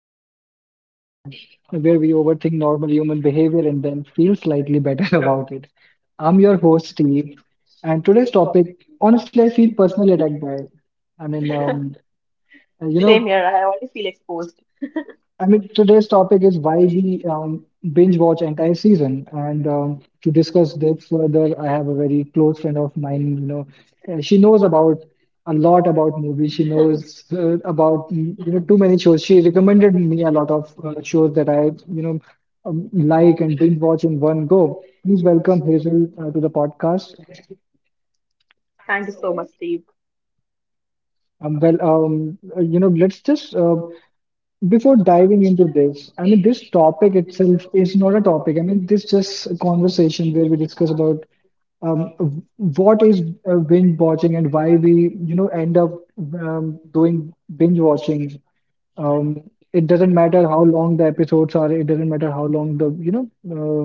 podcast, um, where we overthink normal human behavior and then feel slightly better about it. I'm your host, Steve, and today's topic, honestly, I feel personally attacked by. I mean, um, you know, Same here. I already feel exposed. I mean, today's topic is why we binge watch entire season. And To discuss this further, I have a very close friend of mine. She knows about a lot about movies. She knows about too many shows. She recommended me a lot of shows that I you know like and binge watch in one go. Please welcome Hazel to the podcast. Thank you so much, Steve. Let's just before diving into this. I mean, this topic itself is not a topic. I mean, this just a conversation where we discuss about what is binge watching and why we, you know, end up doing binge watching. It doesn't matter how long the episodes are. It doesn't matter how long the, uh,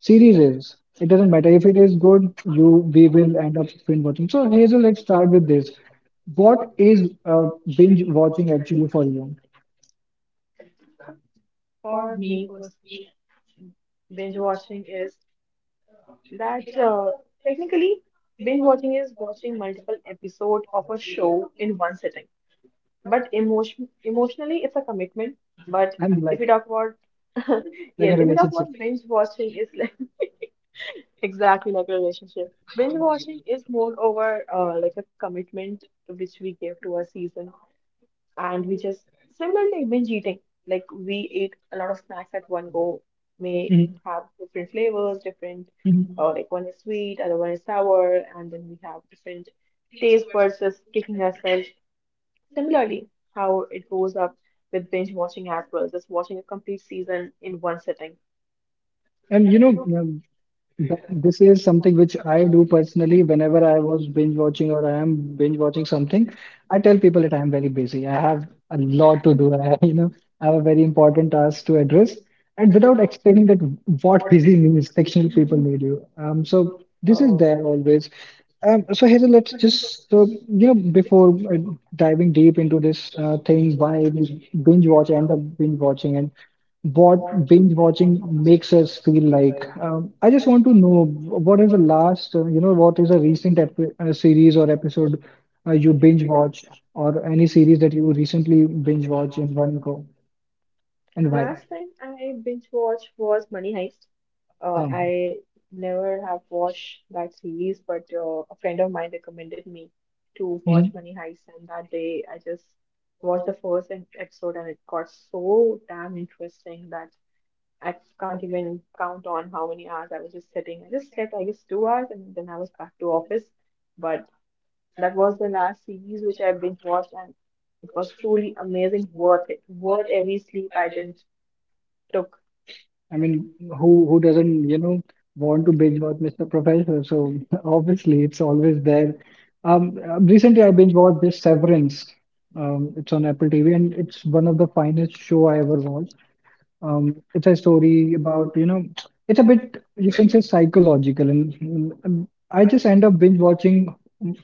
series is. It doesn't matter if it is good. You we will end up binge watching. So Hazel, let's start with this. What is binge watching actually for you? For me personally, binge watching is that technically binge watching is watching multiple episodes of a show in one sitting. But emotionally, it's a commitment. But I'm if you like. talk about Like a yes, if you talk relationship. about binge watching, is like exactly like a relationship. Binge watching is more over like a commitment which we give to a season, and we just similarly binge eating. Like we ate a lot of snacks at one go, may Mhm, have different flavors, different mhm. Like one is sweet, other one is sour, and then we have different taste buds just kicking ourselves. Similarly, how it goes up with binge watching as well, just watching a complete season in one sitting. And you know, um, That- This is something which I do personally whenever I was binge watching or I am binge watching something. I tell people that I am very busy. I have a lot to do. I, you know, I have a very important task to address. And without explaining that what busy means, fictional people need you. So this is Oh. there always. So Hazel, let's just so you know before diving deep into this thing, why we binge watch, end up binge watching, and what binge watching makes us feel like. I just want to know what is the last, what is a recent epi series or episode you binge watch, or any series that you recently binge watch in one go, and why? Last time I binge watched was Money Heist. Um, I never have watched that series, but a friend of mine recommended me to watch mhm. Money Heist, and that day I just watched the first episode, and it got so damn interesting that I can't even count on how many hours I was just sitting. I just slept, I guess, 2 hours, and then I was back to office. But that was the last series which I binge watched, and it was truly amazing, worth it, worth every sleep I didn't took. I mean, who doesn't, you know, want to binge watch Mr. Professor? So obviously, it's always there. Recently, I binge watched this Severance. It's on Apple TV, and it's one of the finest show I ever watched. It's a story about, you know, it's a bit, you can say, psychological. And I just end up binge watching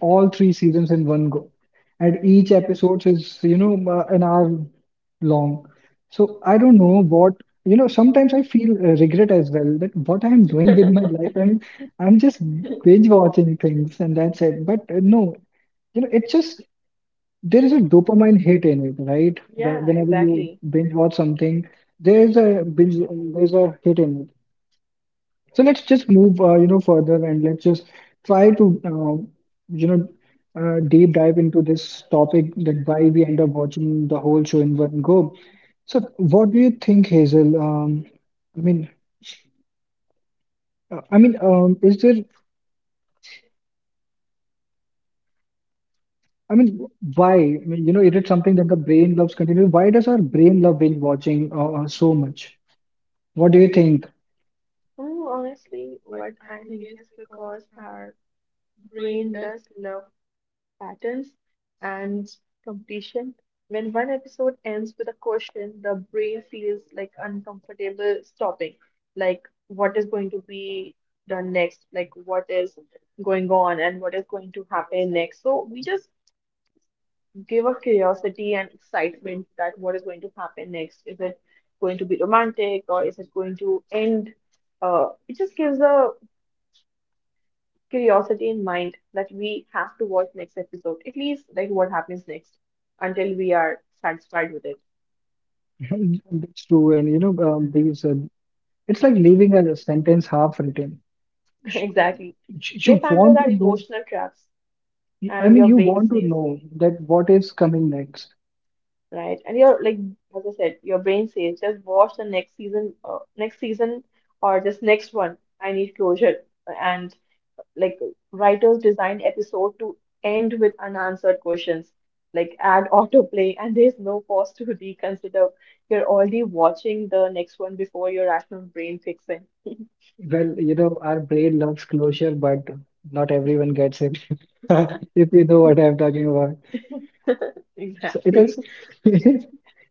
all three seasons in one go. And each episode is, an hour long. So I don't know what, you know, sometimes I feel regret as well that what I'm doing with my life. I'm just binge watching things and that's it. But no, you know, it's just there is a dopamine hit in it, right? Yeah, Whenever you exactly. binge watch something, there is a binge, there's a hit in it. So let's just move, further and let's just try to, you know, deep dive into this topic that why we end up watching the whole show in one go. So what do you think, Hazel? I mean, is there? I mean, why? I mean, you know, is it something that the brain loves continuing? Why does our brain love binge watching so much? What do you think? Hmm, honestly, what I think is because our brain does love patterns and completion. When one episode ends with a question, the brain feels like uncomfortable stopping. Like, what is going to be done next? Like, what is going on and what is going to happen next? So we just give a curiosity and excitement that what is going to happen next. Is it going to be romantic or is it going to end? It just gives a curiosity in mind that we have to watch next episode, at least like what happens next until we are satisfied with it. That's true, and you know, these it's like leaving a sentence half written. You Exactly. you Cliffhangers want are to know, emotional traps I and mean, your you brain want to says, know that what is coming next. right? And you're like, as I said, your brain says just watch the next season, or just next one. I need closure. And like writers design episode to end with unanswered questions, like add autoplay, and there's no pause to reconsider. You're already watching the next one before your rational brain kicks in. Well, you know, our brain loves closure, but not everyone gets it. If you know what I'm talking about. So it Exactly. is, it is,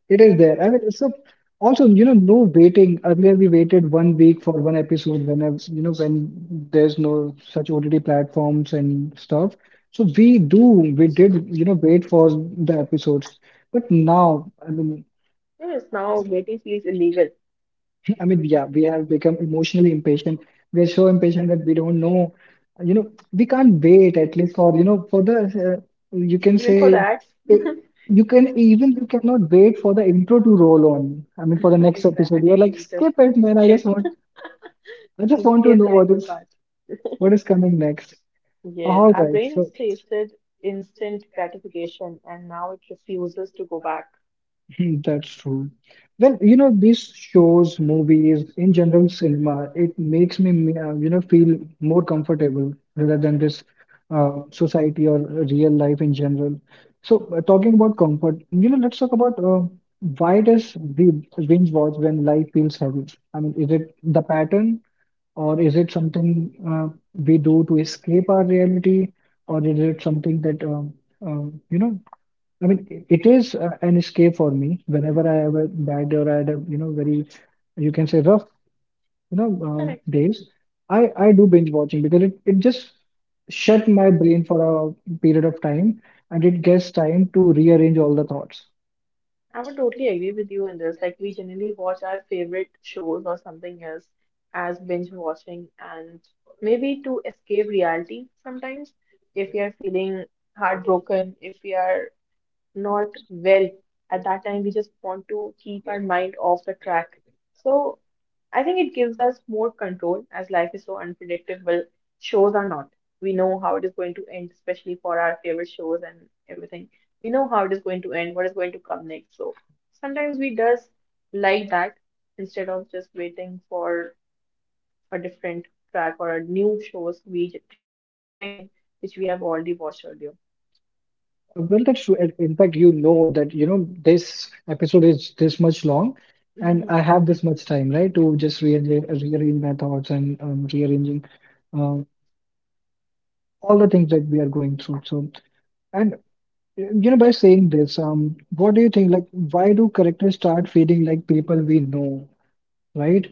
it is there. I mean, so also, you know, no waiting. Earlier, we waited 1 week for one episode when I, was, you know, when there's no such OTT platforms and stuff. So we do, we did, you know, wait for the episodes. But now, Yes, now waiting feels illegal. I mean, yeah, we have become emotionally impatient. We're so impatient that we don't know, you know, we can't wait at least for, you know, for the, Even for that, eh, you can even, you cannot wait for the intro to roll on. I mean, for the next episode, you're we like, just skip it, man. Skip, skip I just want to know the advice. what is coming next. Yes, All our right. brain So, has tasted instant gratification and now it refuses to go back. hmm, that's true. Well, you know, these shows, movies, in general, cinema, it makes you know, feel more comfortable rather than this society or real life in general. So, talking about comfort, you know, let's talk about why does the binge watch when life feels heavy? I mean, is it the pattern, or is it something we do to escape our reality, or is it something that um, you know I mean, it is an escape for me whenever I have a bad day or I had a, you know, very, you can say rough, Correct. days. I do binge watching because it just shut my brain for a period of time and it gets time to rearrange all the thoughts. I would totally agree with you in this. Like, we generally watch our favorite shows or something else as binge watching, and maybe to escape reality sometimes. If we are feeling heartbroken, if we are not well at that time. We just want to keep our mind off the track. So I think it gives us more control as life is so unpredictable. Shows are not. We know how it is going to end, especially for our favorite shows and everything. We know how it is going to end, what is going to come next. So sometimes we just like that instead of just waiting for a different track or a new shows. We tend to watch something which we have already watched earlier. Well, that's true. And in fact, you know that, you know, this episode is this much long and Mhm. I have this much time, right, to just rearrange my thoughts and rearranging um, all the things that we are going through. So, and You know, by saying this, what do you think? Like, why do characters start feeling like people we know, right?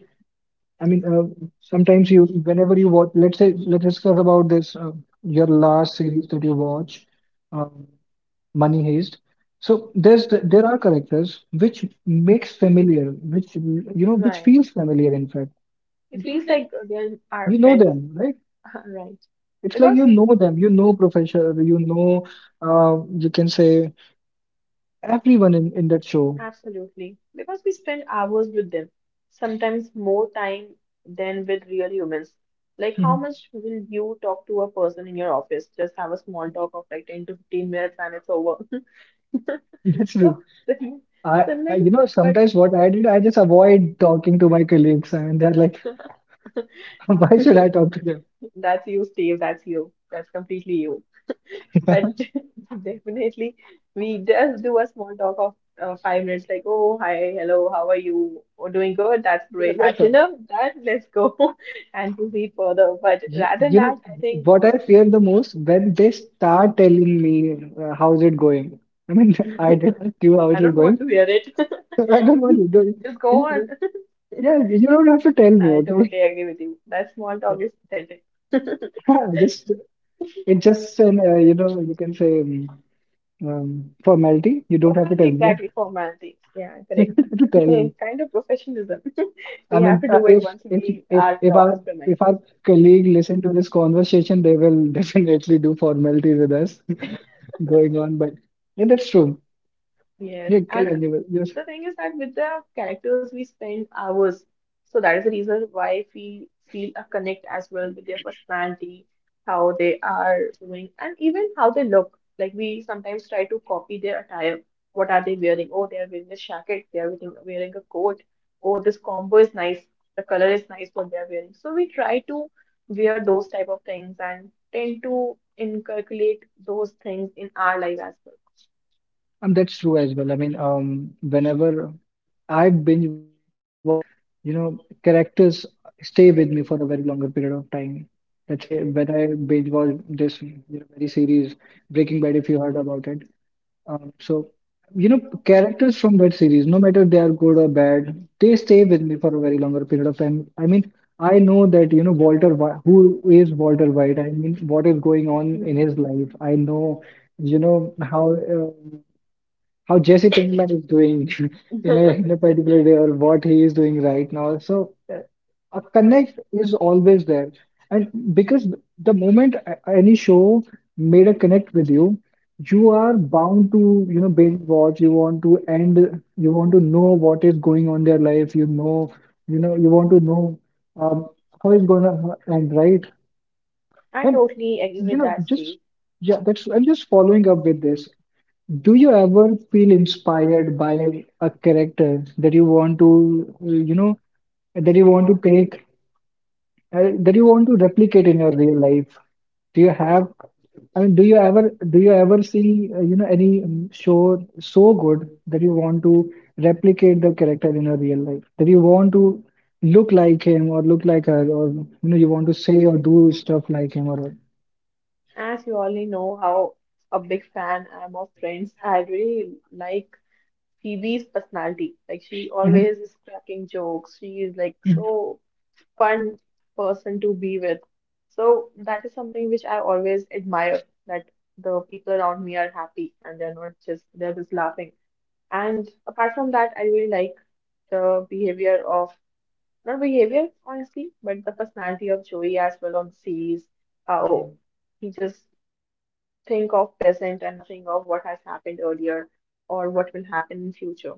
I mean, sometimes you, whenever you watch, let's say, let's discuss about this, your last series that you watch, um, Money Heist. So there are characters which makes familiar, which you know, which Right. feels familiar, in fact. In fact. It feels like they're our You know friends. them, right? Right. It's like Because you know them, you know Professor, you can say everyone in that show. absolutely. Because we spend hours with them, sometimes more time than with real humans. Like, how Mhm. much will you talk to a person in your office? Just have a small talk of like 10 to 15 minutes and it's over. That's true. So I, the I, next, you know, but sometimes what I did, I just avoid talking to my colleagues, and they're like, why should I talk to them? that's you, Steve. That's you. That's completely you. But definitely, we just do a small talk of 5 minutes, like, oh, hi, hello, how are you? Oh, doing good. That's great. Had That's all. dinner? That let's go and proceed further. But rather than You know, that, I think what I fear the most when they start telling me how's it going. I mean, I didn't ask you how it I was don't want going. to hear it. I don't want you to. Just go on. Yeah, you don't have to tell me, I okay? totally agree with you. That small talk is pathetic. Yeah. Just it just an you know you can say formality. You don't have to Formality, tell me. exactly, formalities. Yeah, You correct. don't have to tell me. Kind of professionalism. I We have mean, to do it once we if are in if the our office if premises. our colleague listen to this conversation, they will definitely do formalities with us going on. But yeah, that's true. Yes. Yeah, carry on, And you will- yes, the thing is that with the characters, we spend hours. So that is the reason why we feel a connect as well with their personality, how they are doing, and even how they look. Like we sometimes try to copy their attire. What are they wearing? Oh, they are wearing a jacket. They are wearing a coat. Oh, this combo is nice. The color is nice what they are wearing. So we try to wear those type of things and tend to inculcate those things in our life as that's true as well. I mean, whenever I binge watch something, you know, characters stay with me for a very longer period of time. Let's say when I binge watch this, you know, very series Breaking Bad, if you heard about it. Um, so, you know, characters from that series, no matter they are good or bad, they stay with me for a very longer period of time. I mean, I know that, you know, who is Walter White? I mean, what is going on well. in his life? I know, you know, Hmm. How Jesse Pinkman is doing in in a particular day or what he is doing right now. So a connect is always there. And because the moment any show made a connect with you, you are bound to, you know, binge watch, you want to end, you want to know what is going on their life, you want to know um, how it's gonna end, right? I And totally agree you with know, that, just Steve. yeah, that's I'm just following up with this. Do you ever feel inspired by a character that you want to, that you want to take, that you want to replicate in your real life? Do you have, I mean, do you ever see, you know, any show so good that you want to replicate the character in your real life? That you want to look like him or look like her, or you know, you want to say or do stuff like him or what? As you already know how a big fan I am of Friends, I really like Phoebe's personality. Like she Mm-hmm. always is cracking jokes. She is like Mm-hmm. so fun person to be with. So that is something which I always admire that the people around me are happy and they're not just they're just laughing. And apart from that, I really like the behavior of not behavior, honestly, but the personality of Joey as well on the series. How he just think of present and nothing of what has happened earlier or what will happen in future.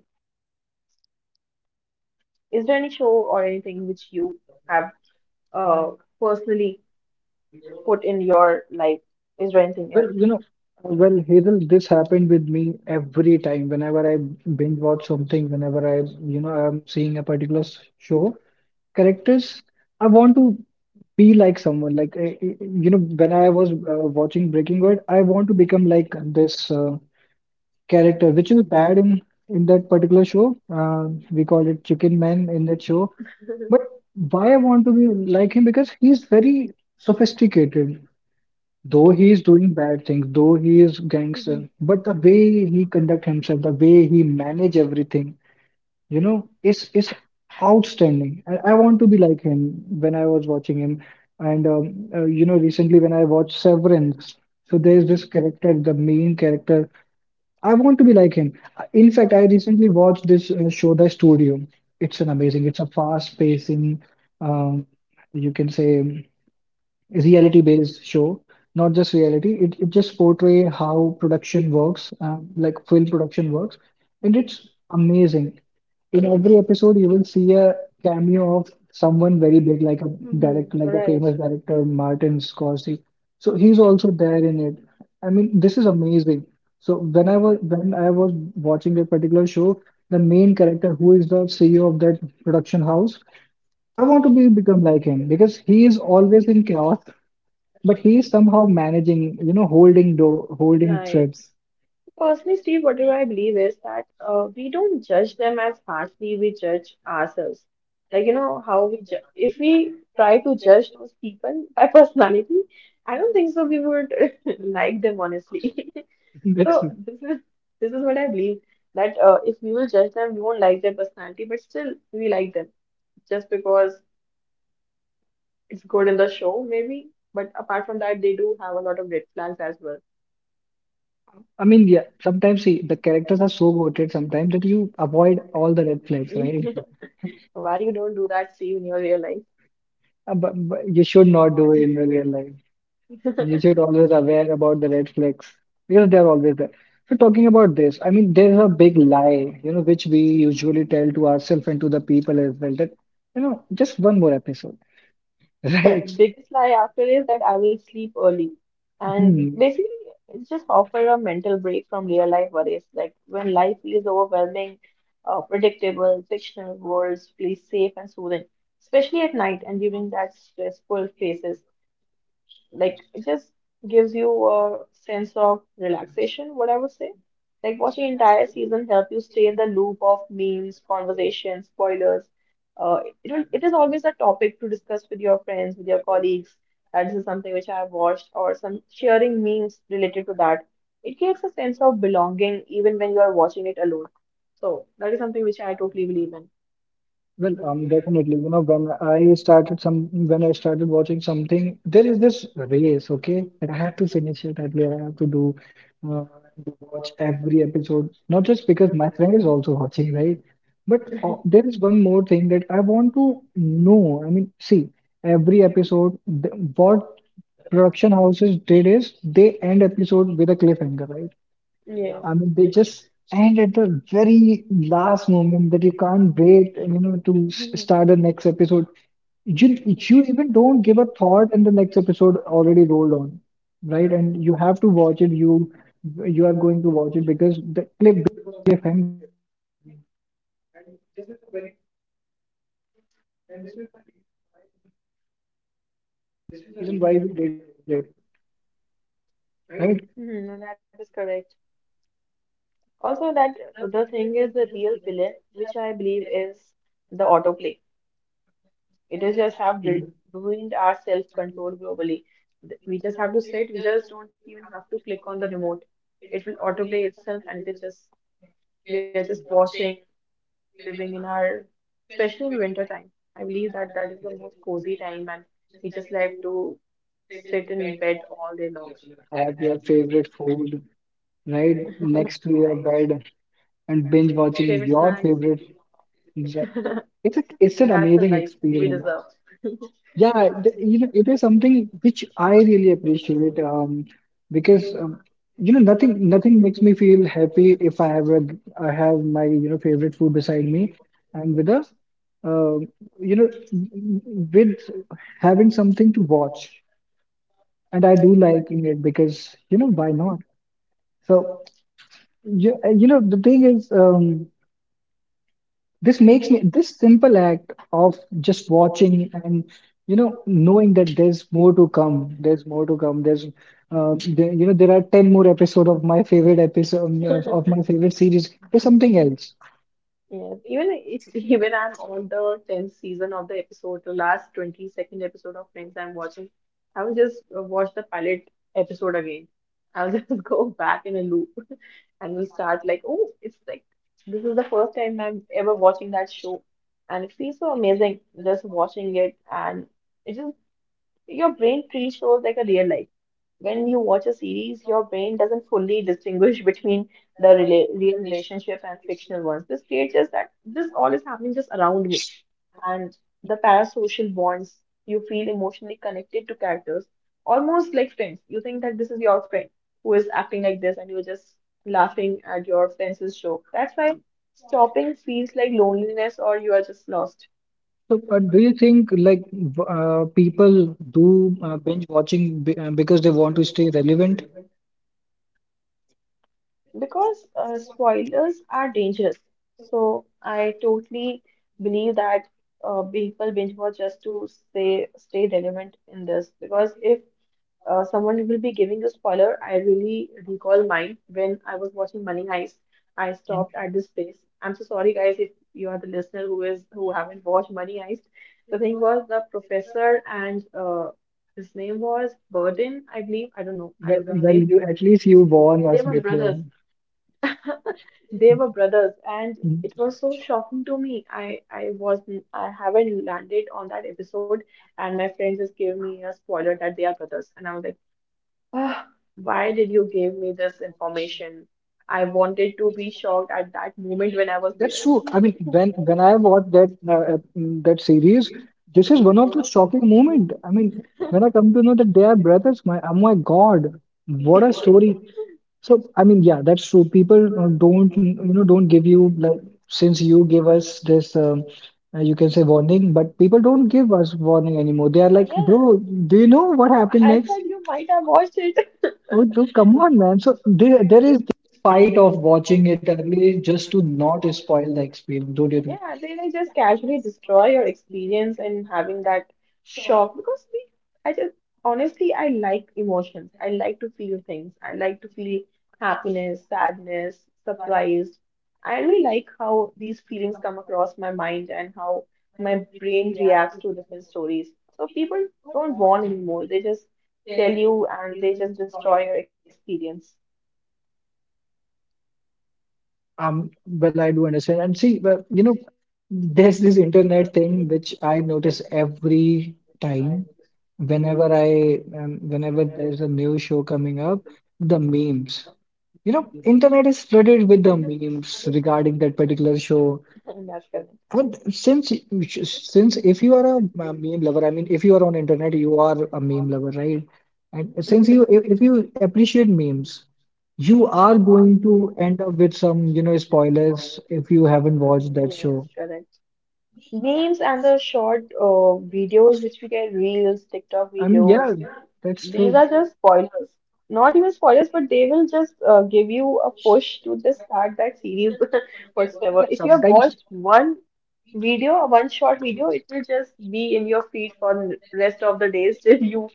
Is there any show or anything which you have uh, personally put in your life? Is there anything Well, else? you know, well, Hazel, this happened with me every time. Whenever I binge watch something, whenever you know, I'm seeing a particular show, characters, I want to be like someone. Like, you know, when I was watching Breaking Bad, I want to become like this character, which is bad in that particular show. Uh, we call it Chicken Man in that show. But why I want to be like him? Because he's very sophisticated. Though he is doing bad things, though he is gangster, but the way he conduct himself, the way he manage everything, you know, is outstanding. I want to be like him when I was watching him, and you know, recently when I watched Severance, so there's this character, the main character. I want to be like him. In fact, I recently watched this show, The Studio. It's an amazing. It's a fast-pacing, um, you can say reality based show, not just reality. It it just portray how production works, like film production works, and it's amazing. In every episode you will see a cameo of someone very big, like a Hmm. director, like the Right. famous director Martin Scorsese. So he's also there in it. I mean this is amazing. So when I was watching that particular show, the main character who is the CEO of that production house, I want to be become like him because he is always in chaos, but he's somehow managing, you know, holding door, holding Right. threads. Personally, Steve, whatever I believe is that we don't judge them as harshly we judge ourselves. Like, you know, how we ju if we try to judge those people by personality, I don't think so we would like them, honestly. That's, So this is what I believe that if we will judge them, we won't like their personality, but still we like them just because it's good in the show, maybe. But apart from that, they do have a lot of red flags as well. I mean, yeah, sometimes he, the characters are so goated sometimes that you avoid all the red flags, right? Why you don't do that, Steve, in your real life? But you should not do it in real life. You should always aware about the red flags because they're always there. So talking about this, I mean, there's a big lie, you know, which we usually tell to ourselves and to the people as well that, you know, just one more episode, right? Biggest lie after is that I will sleep early. And Hmm. basically, it's just offer a mental break from real life worries. Like when life feels overwhelming, predictable, fictional worlds feel safe and soothing, especially at night and during that stressful phases. Like it just gives you a sense of relaxation, what I would say. Like watching entire season help you stay in the loop of memes, conversations, spoilers. It is always a topic to discuss with your friends, with your colleagues. That this is something which I have watched, or some sharing memes related to that. It creates a sense of belonging even when you are watching it alone. So that is something which I totally believe in. Well, definitely, you know, when I started watching something, there is this race, okay? That I have to finish it, at least I have to do, uh, to watch every episode, not just because my friend is also watching, right? But there is one more thing that I want to know. I mean, see, every episode, th what production houses did is they end episode with a cliffhanger, right? Yeah. I mean, they Just- just end at the very Mhm. last moment that you can't wait, you know, to start the next episode. You even don't give a thought, and the next episode already rolled on, right? And you have to watch it. You are going to watch it because the cliffhanger Why we did it, right? Mhm, no, that is correct. Also, that the thing is the real villain, which I believe is the autoplay. It is just have You ruined our self-control globally. We just have to sit. We just don't even have to click on the remote. It will autoplay itself, and it is just we are just watching living in our, especially in winter time. I believe that that is the most cozy time, and we just like to sit in bed all day long. Have your favorite food right Right. next to your bed and binge watching Favorite your snacks. favorite. ge- It's a it's an That's the amazing life we deserve. experience. Yeah, the, you know it is something which I really appreciate because you know nothing makes me feel happy if I have I have my you know favorite food beside me and with a um you know with having something to watch and I do liking it because you know why not? So you know the thing is, this makes me this simple act of just watching and you know knowing that there's more to come, there's more to come, there's there, you know there are ten more episode of my favorite episode of my favorite series. There's something else. Yes, even if even I'm on the tenth season of the episode, the last 22nd episode of Friends I'm watching, I will just watch the pilot episode again. I'll just go back in a loop and we'll start like, oh, it's like this is the first time I'm ever watching that show, and it feels so amazing just watching it, and it just your brain treats shows like a real life. When you watch a series, your brain doesn't fully distinguish between the rela real relationships and fictional ones. This creates just that this all is happening just around me. And the parasocial bonds, you feel emotionally connected to characters, almost like friends. You think that this is your friend who is acting like this, and you're just laughing at your friend's joke. That's why stopping feels like loneliness or you are just lost. So do you think like people do binge watching because they want to stay relevant? Because spoilers are dangerous. So I totally believe that people binge watch just to stay relevant in this. Because if someone will be giving a spoiler, I really recall mine when I was watching Money Heist. I Mm. stopped at this place. I'm so sorry, guys, if you are the listener who is who haven't watched Money Heist. The thing was the professor and his name was Burden, I believe. I don't know. I Well, don't know the well, name. you at least you warned They us were before. brothers. They were brothers, and Mhm. it was so shocking to me. I wasn't I haven't landed on that episode, and my friend just gave me a spoiler that they are brothers, and I was like, ah, why did you give me this information? I wanted to be shocked at that moment when I was That's there. true. I mean, when when I watched that that series, this is one of the shocking moment. I mean, when I come to know that they are brothers, my oh my God, what a story. So I mean, yeah, that's true. People don't you know don't give you like since you give us this you can say warning, but people don't give us warning anymore. They are like, Yeah, bro, do you know what happened I thought next? you might have watched it. Oh, bro, come on, man. So there is this fight of watching it early just to not spoil the experience. Don't you think? Yeah, they just casually destroy your experience and having that shock because we, I just honestly, I like emotions. I like to feel things. I like to feel happiness, sadness, surprise. I really like how these feelings come across my mind and how my brain reacts to different stories. So people don't warn anymore. They just tell you and they just destroy your experience. Well, I do understand. And see, well, you know, there's this internet thing which I notice every time, whenever whenever there's a new show coming up, the memes. You know, internet is flooded with the memes regarding that particular That's show. correct. But since if you are a meme lover, I mean, if you are on internet, you are a meme lover, right? And since you if you appreciate memes, you are going to end up with some, you know, spoilers if you haven't watched that Yes, show. correct. Memes and the short videos which we get, reels, TikTok, I mean, I mean, videos, yeah, that's these true. are just spoilers. Not even spoilers, but they will just give you a push to just start that series, whatsoever. Yeah, If you have sometimes watched one video or one short video, it will just be in your feed for the rest of the days till you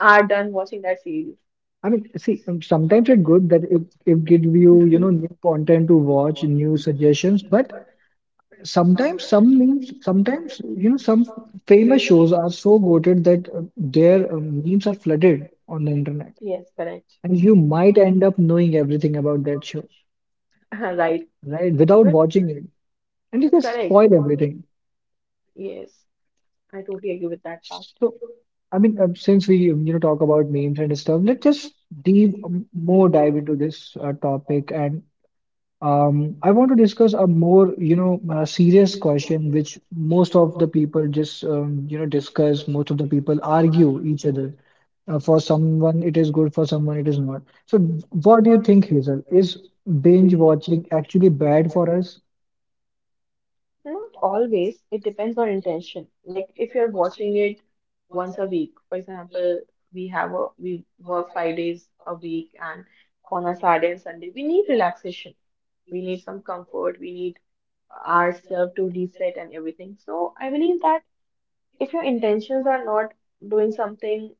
are done watching that series. I mean, see, sometimes it's good that it gives you, you know, new content to watch, new suggestions, but sometimes some memes, sometimes you know, some famous shows are so goated that their memes are flooded on the internet, Yes, correct. and you might end up knowing everything about that show, Right. right, without Even watching it, and you just correct. spoil everything. Yes, I totally agree with that part. So, I mean, since we you know talk about memes and stuff, let's just deep more dive into this topic and I want to discuss a more, you know, serious question, which most of the people just, you know, discuss. Most of the people argue each other. For someone, it is good. For someone, it is not. So, what do you think, Hazel? Is binge watching actually bad for us? Not always. It depends on intention. Like if you're watching it once a week, for example, we have a we work 5 days a week, and on a Saturday and Sunday, we need relaxation. We need some comfort. We need ourselves to reset and everything. So I believe that if your intentions are not doing something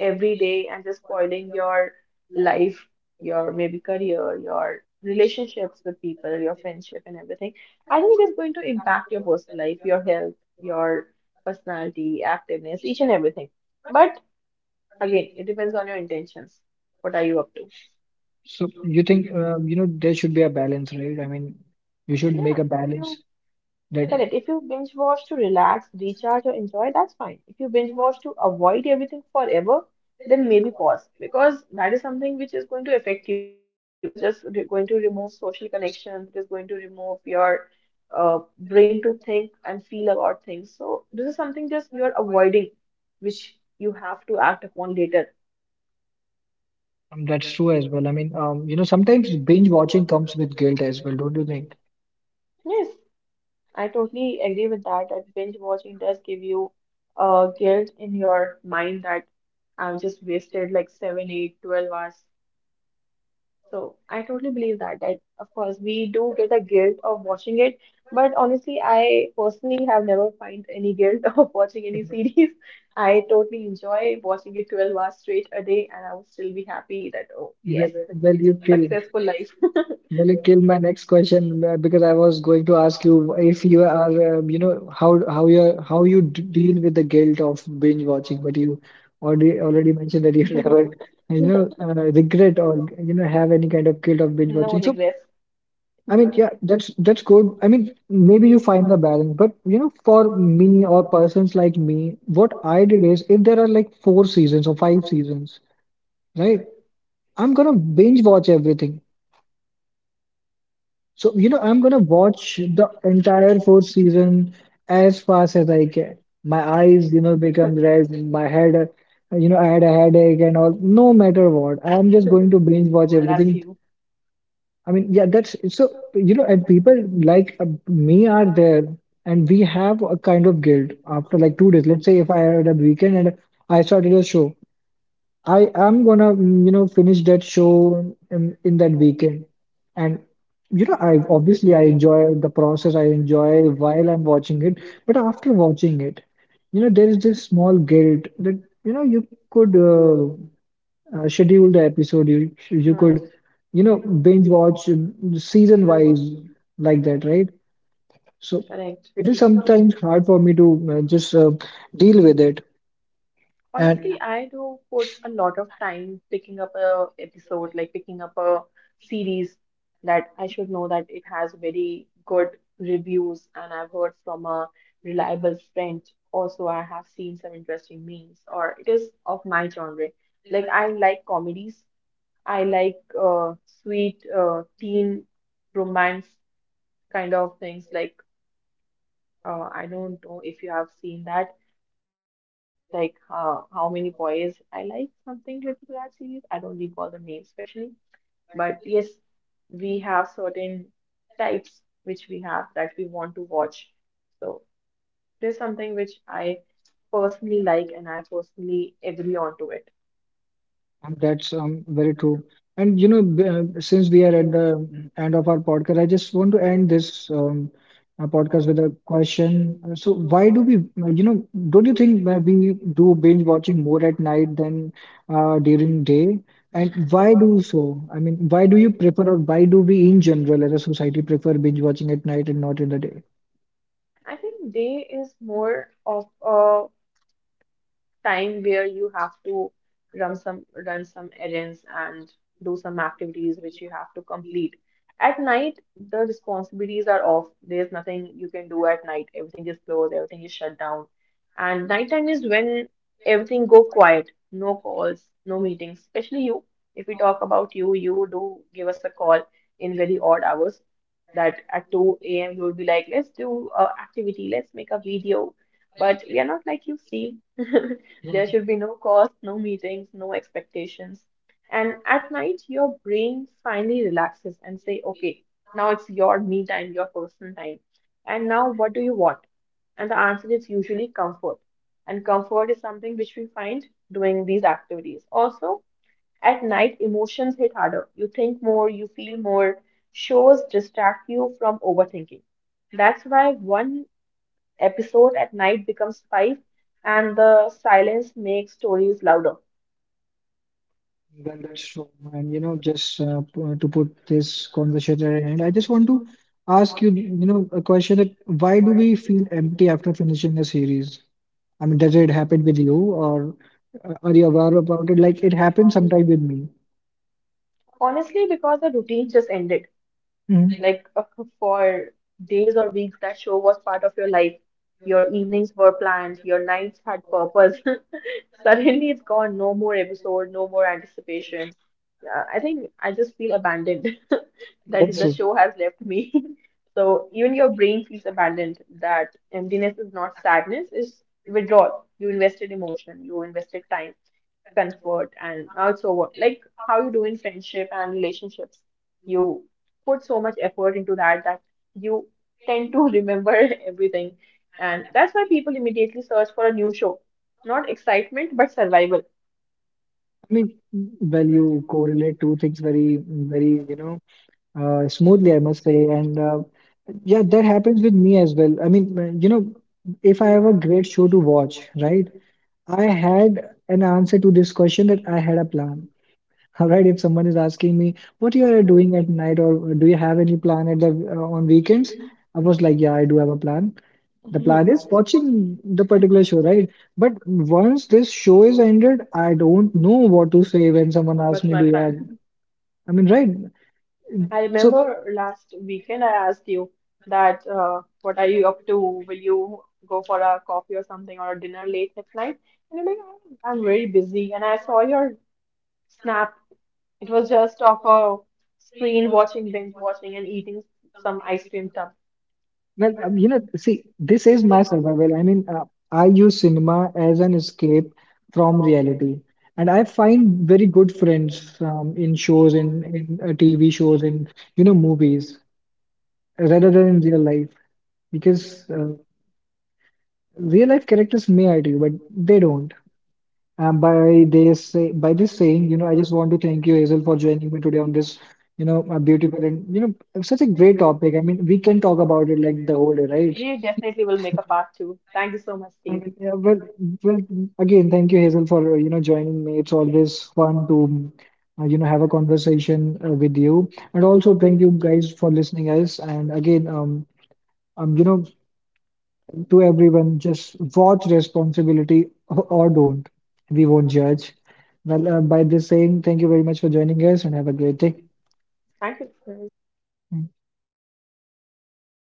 every day and just spoiling your life, your maybe career, your relationships with people, your friendship and everything, I think it is going to impact your personal life, your health, your personality, activeness, each and everything. But again, it depends on your intentions. What are you up to? So, you think, you know, there should be a balance, right? I mean, you should make Yeah, a if you balance Correct. that If you binge watch to relax, recharge, or enjoy, that's fine. If you binge watch to avoid everything forever, then maybe pause because that is something which is going to affect you. It is just going to remove social connections, it is going to remove your brain to think and feel about things. So, this is something just you are avoiding, which you have to act upon later. That's true as well. I mean, you know, sometimes binge watching comes with guilt as well, don't you think? Yes, I totally agree with that, that binge watching does give you guilt in your mind that I've just wasted like seven, eight, 12 hours. So I totally believe that, that, of course we do get a guilt of watching it, but honestly, I personally have never find any guilt of watching any series. I totally enjoy watching it 12 hours straight a day, and I would still be happy that, oh, Well, yes, well, you feel successful life, will you kill my next question because I was going to ask you if you are, you know, how you d deal with the guilt of binge watching, but you already mentioned that you never, you know, regret or you know have any kind of guilt of binge no watching. So regrets. I mean, yeah, that's good. I mean, maybe you find the balance, but you know, for me or persons like me, what I did is if there are like four seasons or five seasons, right? I'm gonna binge watch everything. So, you know, I'm gonna watch the entire fourth season as fast as I can. My eyes, you know, become red, my head, you know, I had a headache and all. No matter what, I'm just going to binge watch That's everything. you. I mean, yeah, that's so, you know, and people like me are there, and we have a kind of guilt after like 2 days. Let's say if I had a weekend and I started a show, I am gonna, you know, finish that show in that weekend. And you know, I obviously I enjoy the process, I enjoy while I'm watching it, but after watching it, you know, there is this small guilt that, you know, you could schedule the episode, you could, Right. you know, binge watch season wise like that, right? So Correct. it is sometimes hard for me to just deal with it. And Honestly, I do put a lot of time picking up a episode, like picking up a series that I should know that it has very good reviews and I've heard from a reliable friend. Also, I have seen some interesting memes or it is of my genre. Like I like comedies. I like sweet teen romance kind of things. Like I don't know if you have seen that. It is like how many boys I like, something related to that series. I don't recall the name especially, but yes, we have certain types which we have that we want to watch. So there's something which I personally like and I personally agree on to it. that's very true. And you know, since we are at the end of our podcast, I just want to end this podcast with a question. So, why do we, you know, don't you think that we do binge watching more at night than during day? And why do so? I mean, why do you prefer, or why do we in general as a society prefer binge watching at night and not in the I think day is more of a time where you have to run some errands and do some activities which you have to complete. At night, the responsibilities are off. There's nothing you can do at night. Everything is closed, everything is shut down. And nighttime is when everything go quiet. No calls, no meetings. Especially you. If we talk about you, you do give us a call in very odd hours. That at 2 a.m. you will be like, let's do a activity, let's make a video. But we are not like you, Steve. There day? should be no calls, no meetings, no expectations. And at night, your brain finally relaxes and say, okay, now it's your me time, your personal time. And now what do you want? And the answer is usually comfort. And comfort is something which we find doing these activities. Also, at night, emotions hit harder. You think more, you feel more. Shows distract you from overthinking. That's why one episode at night becomes five, and the silence makes stories louder. Well, that's true. And you know, just to put this conversation at an end, I just want to ask you, you know, a question that why do we feel empty after finishing a series? I mean, does it happen with you, or are you aware about it? Like, it happens sometime with me. Honestly, because the routine just ended. Mhm. Like for days or weeks, that show was part of your life. Your evenings were planned, your nights had purpose. Suddenly it's gone. No more episode, no more anticipation. Yeah, I think I just feel abandoned that That's the true. show has left me. So even your brain feels abandoned. That emptiness is not sadness, it's withdrawal. You invested emotion, you invested time, comfort, and now it's over. Like how you do in friendship and relationships, you put so much effort into that, that you tend to remember everything, and that's why people immediately search for a new show, not excitement but survival. I mean, well, you correlate two things very, very, you know, smoothly, I must say. And yeah, that happens with me as well. I mean, you know, if I have a great show to watch, right? I had an answer to this question that I had a plan. All right, if someone is asking me, what you are doing at night, or do you have any plan at the on weekends? I was like, yeah, I do have a plan. The plan is watching the particular show, right? But once this show is ended, I don't know what to say when someone asks What's me, my do you have? plan? I mean, right? I So. remember last weekend I asked you that, what are you up to, will you go for a coffee or something or a dinner late at night, and you're like, "Oh, I'm very busy," and I saw your Snap. It was just off a screen watching, binge watching, and eating some ice cream tub. Well, you know, see, this is my survival. I mean, I use cinema as an escape from reality, and I find very good friends in shows, in TV shows, in you know movies, rather than in real life. Because real life characters may hurt you, but they don't. By they say by this saying, you know, I just want to thank you, Hazel, for joining me today on this, you know, a beautiful and you know such a great topic. I mean, we can talk about it like the whole day, right? We definitely will make a part two. Thank you so much, I Steve. mean, yeah, well, well, again, thank you, Hazel, for you know joining me. It's always fun to you know have a conversation with you, and also thank you guys for listening us. And again, you know, to everyone, just watch responsibility or don't. We won't judge. Well, by this saying, thank you very much for joining us, and have a great day. Thank you.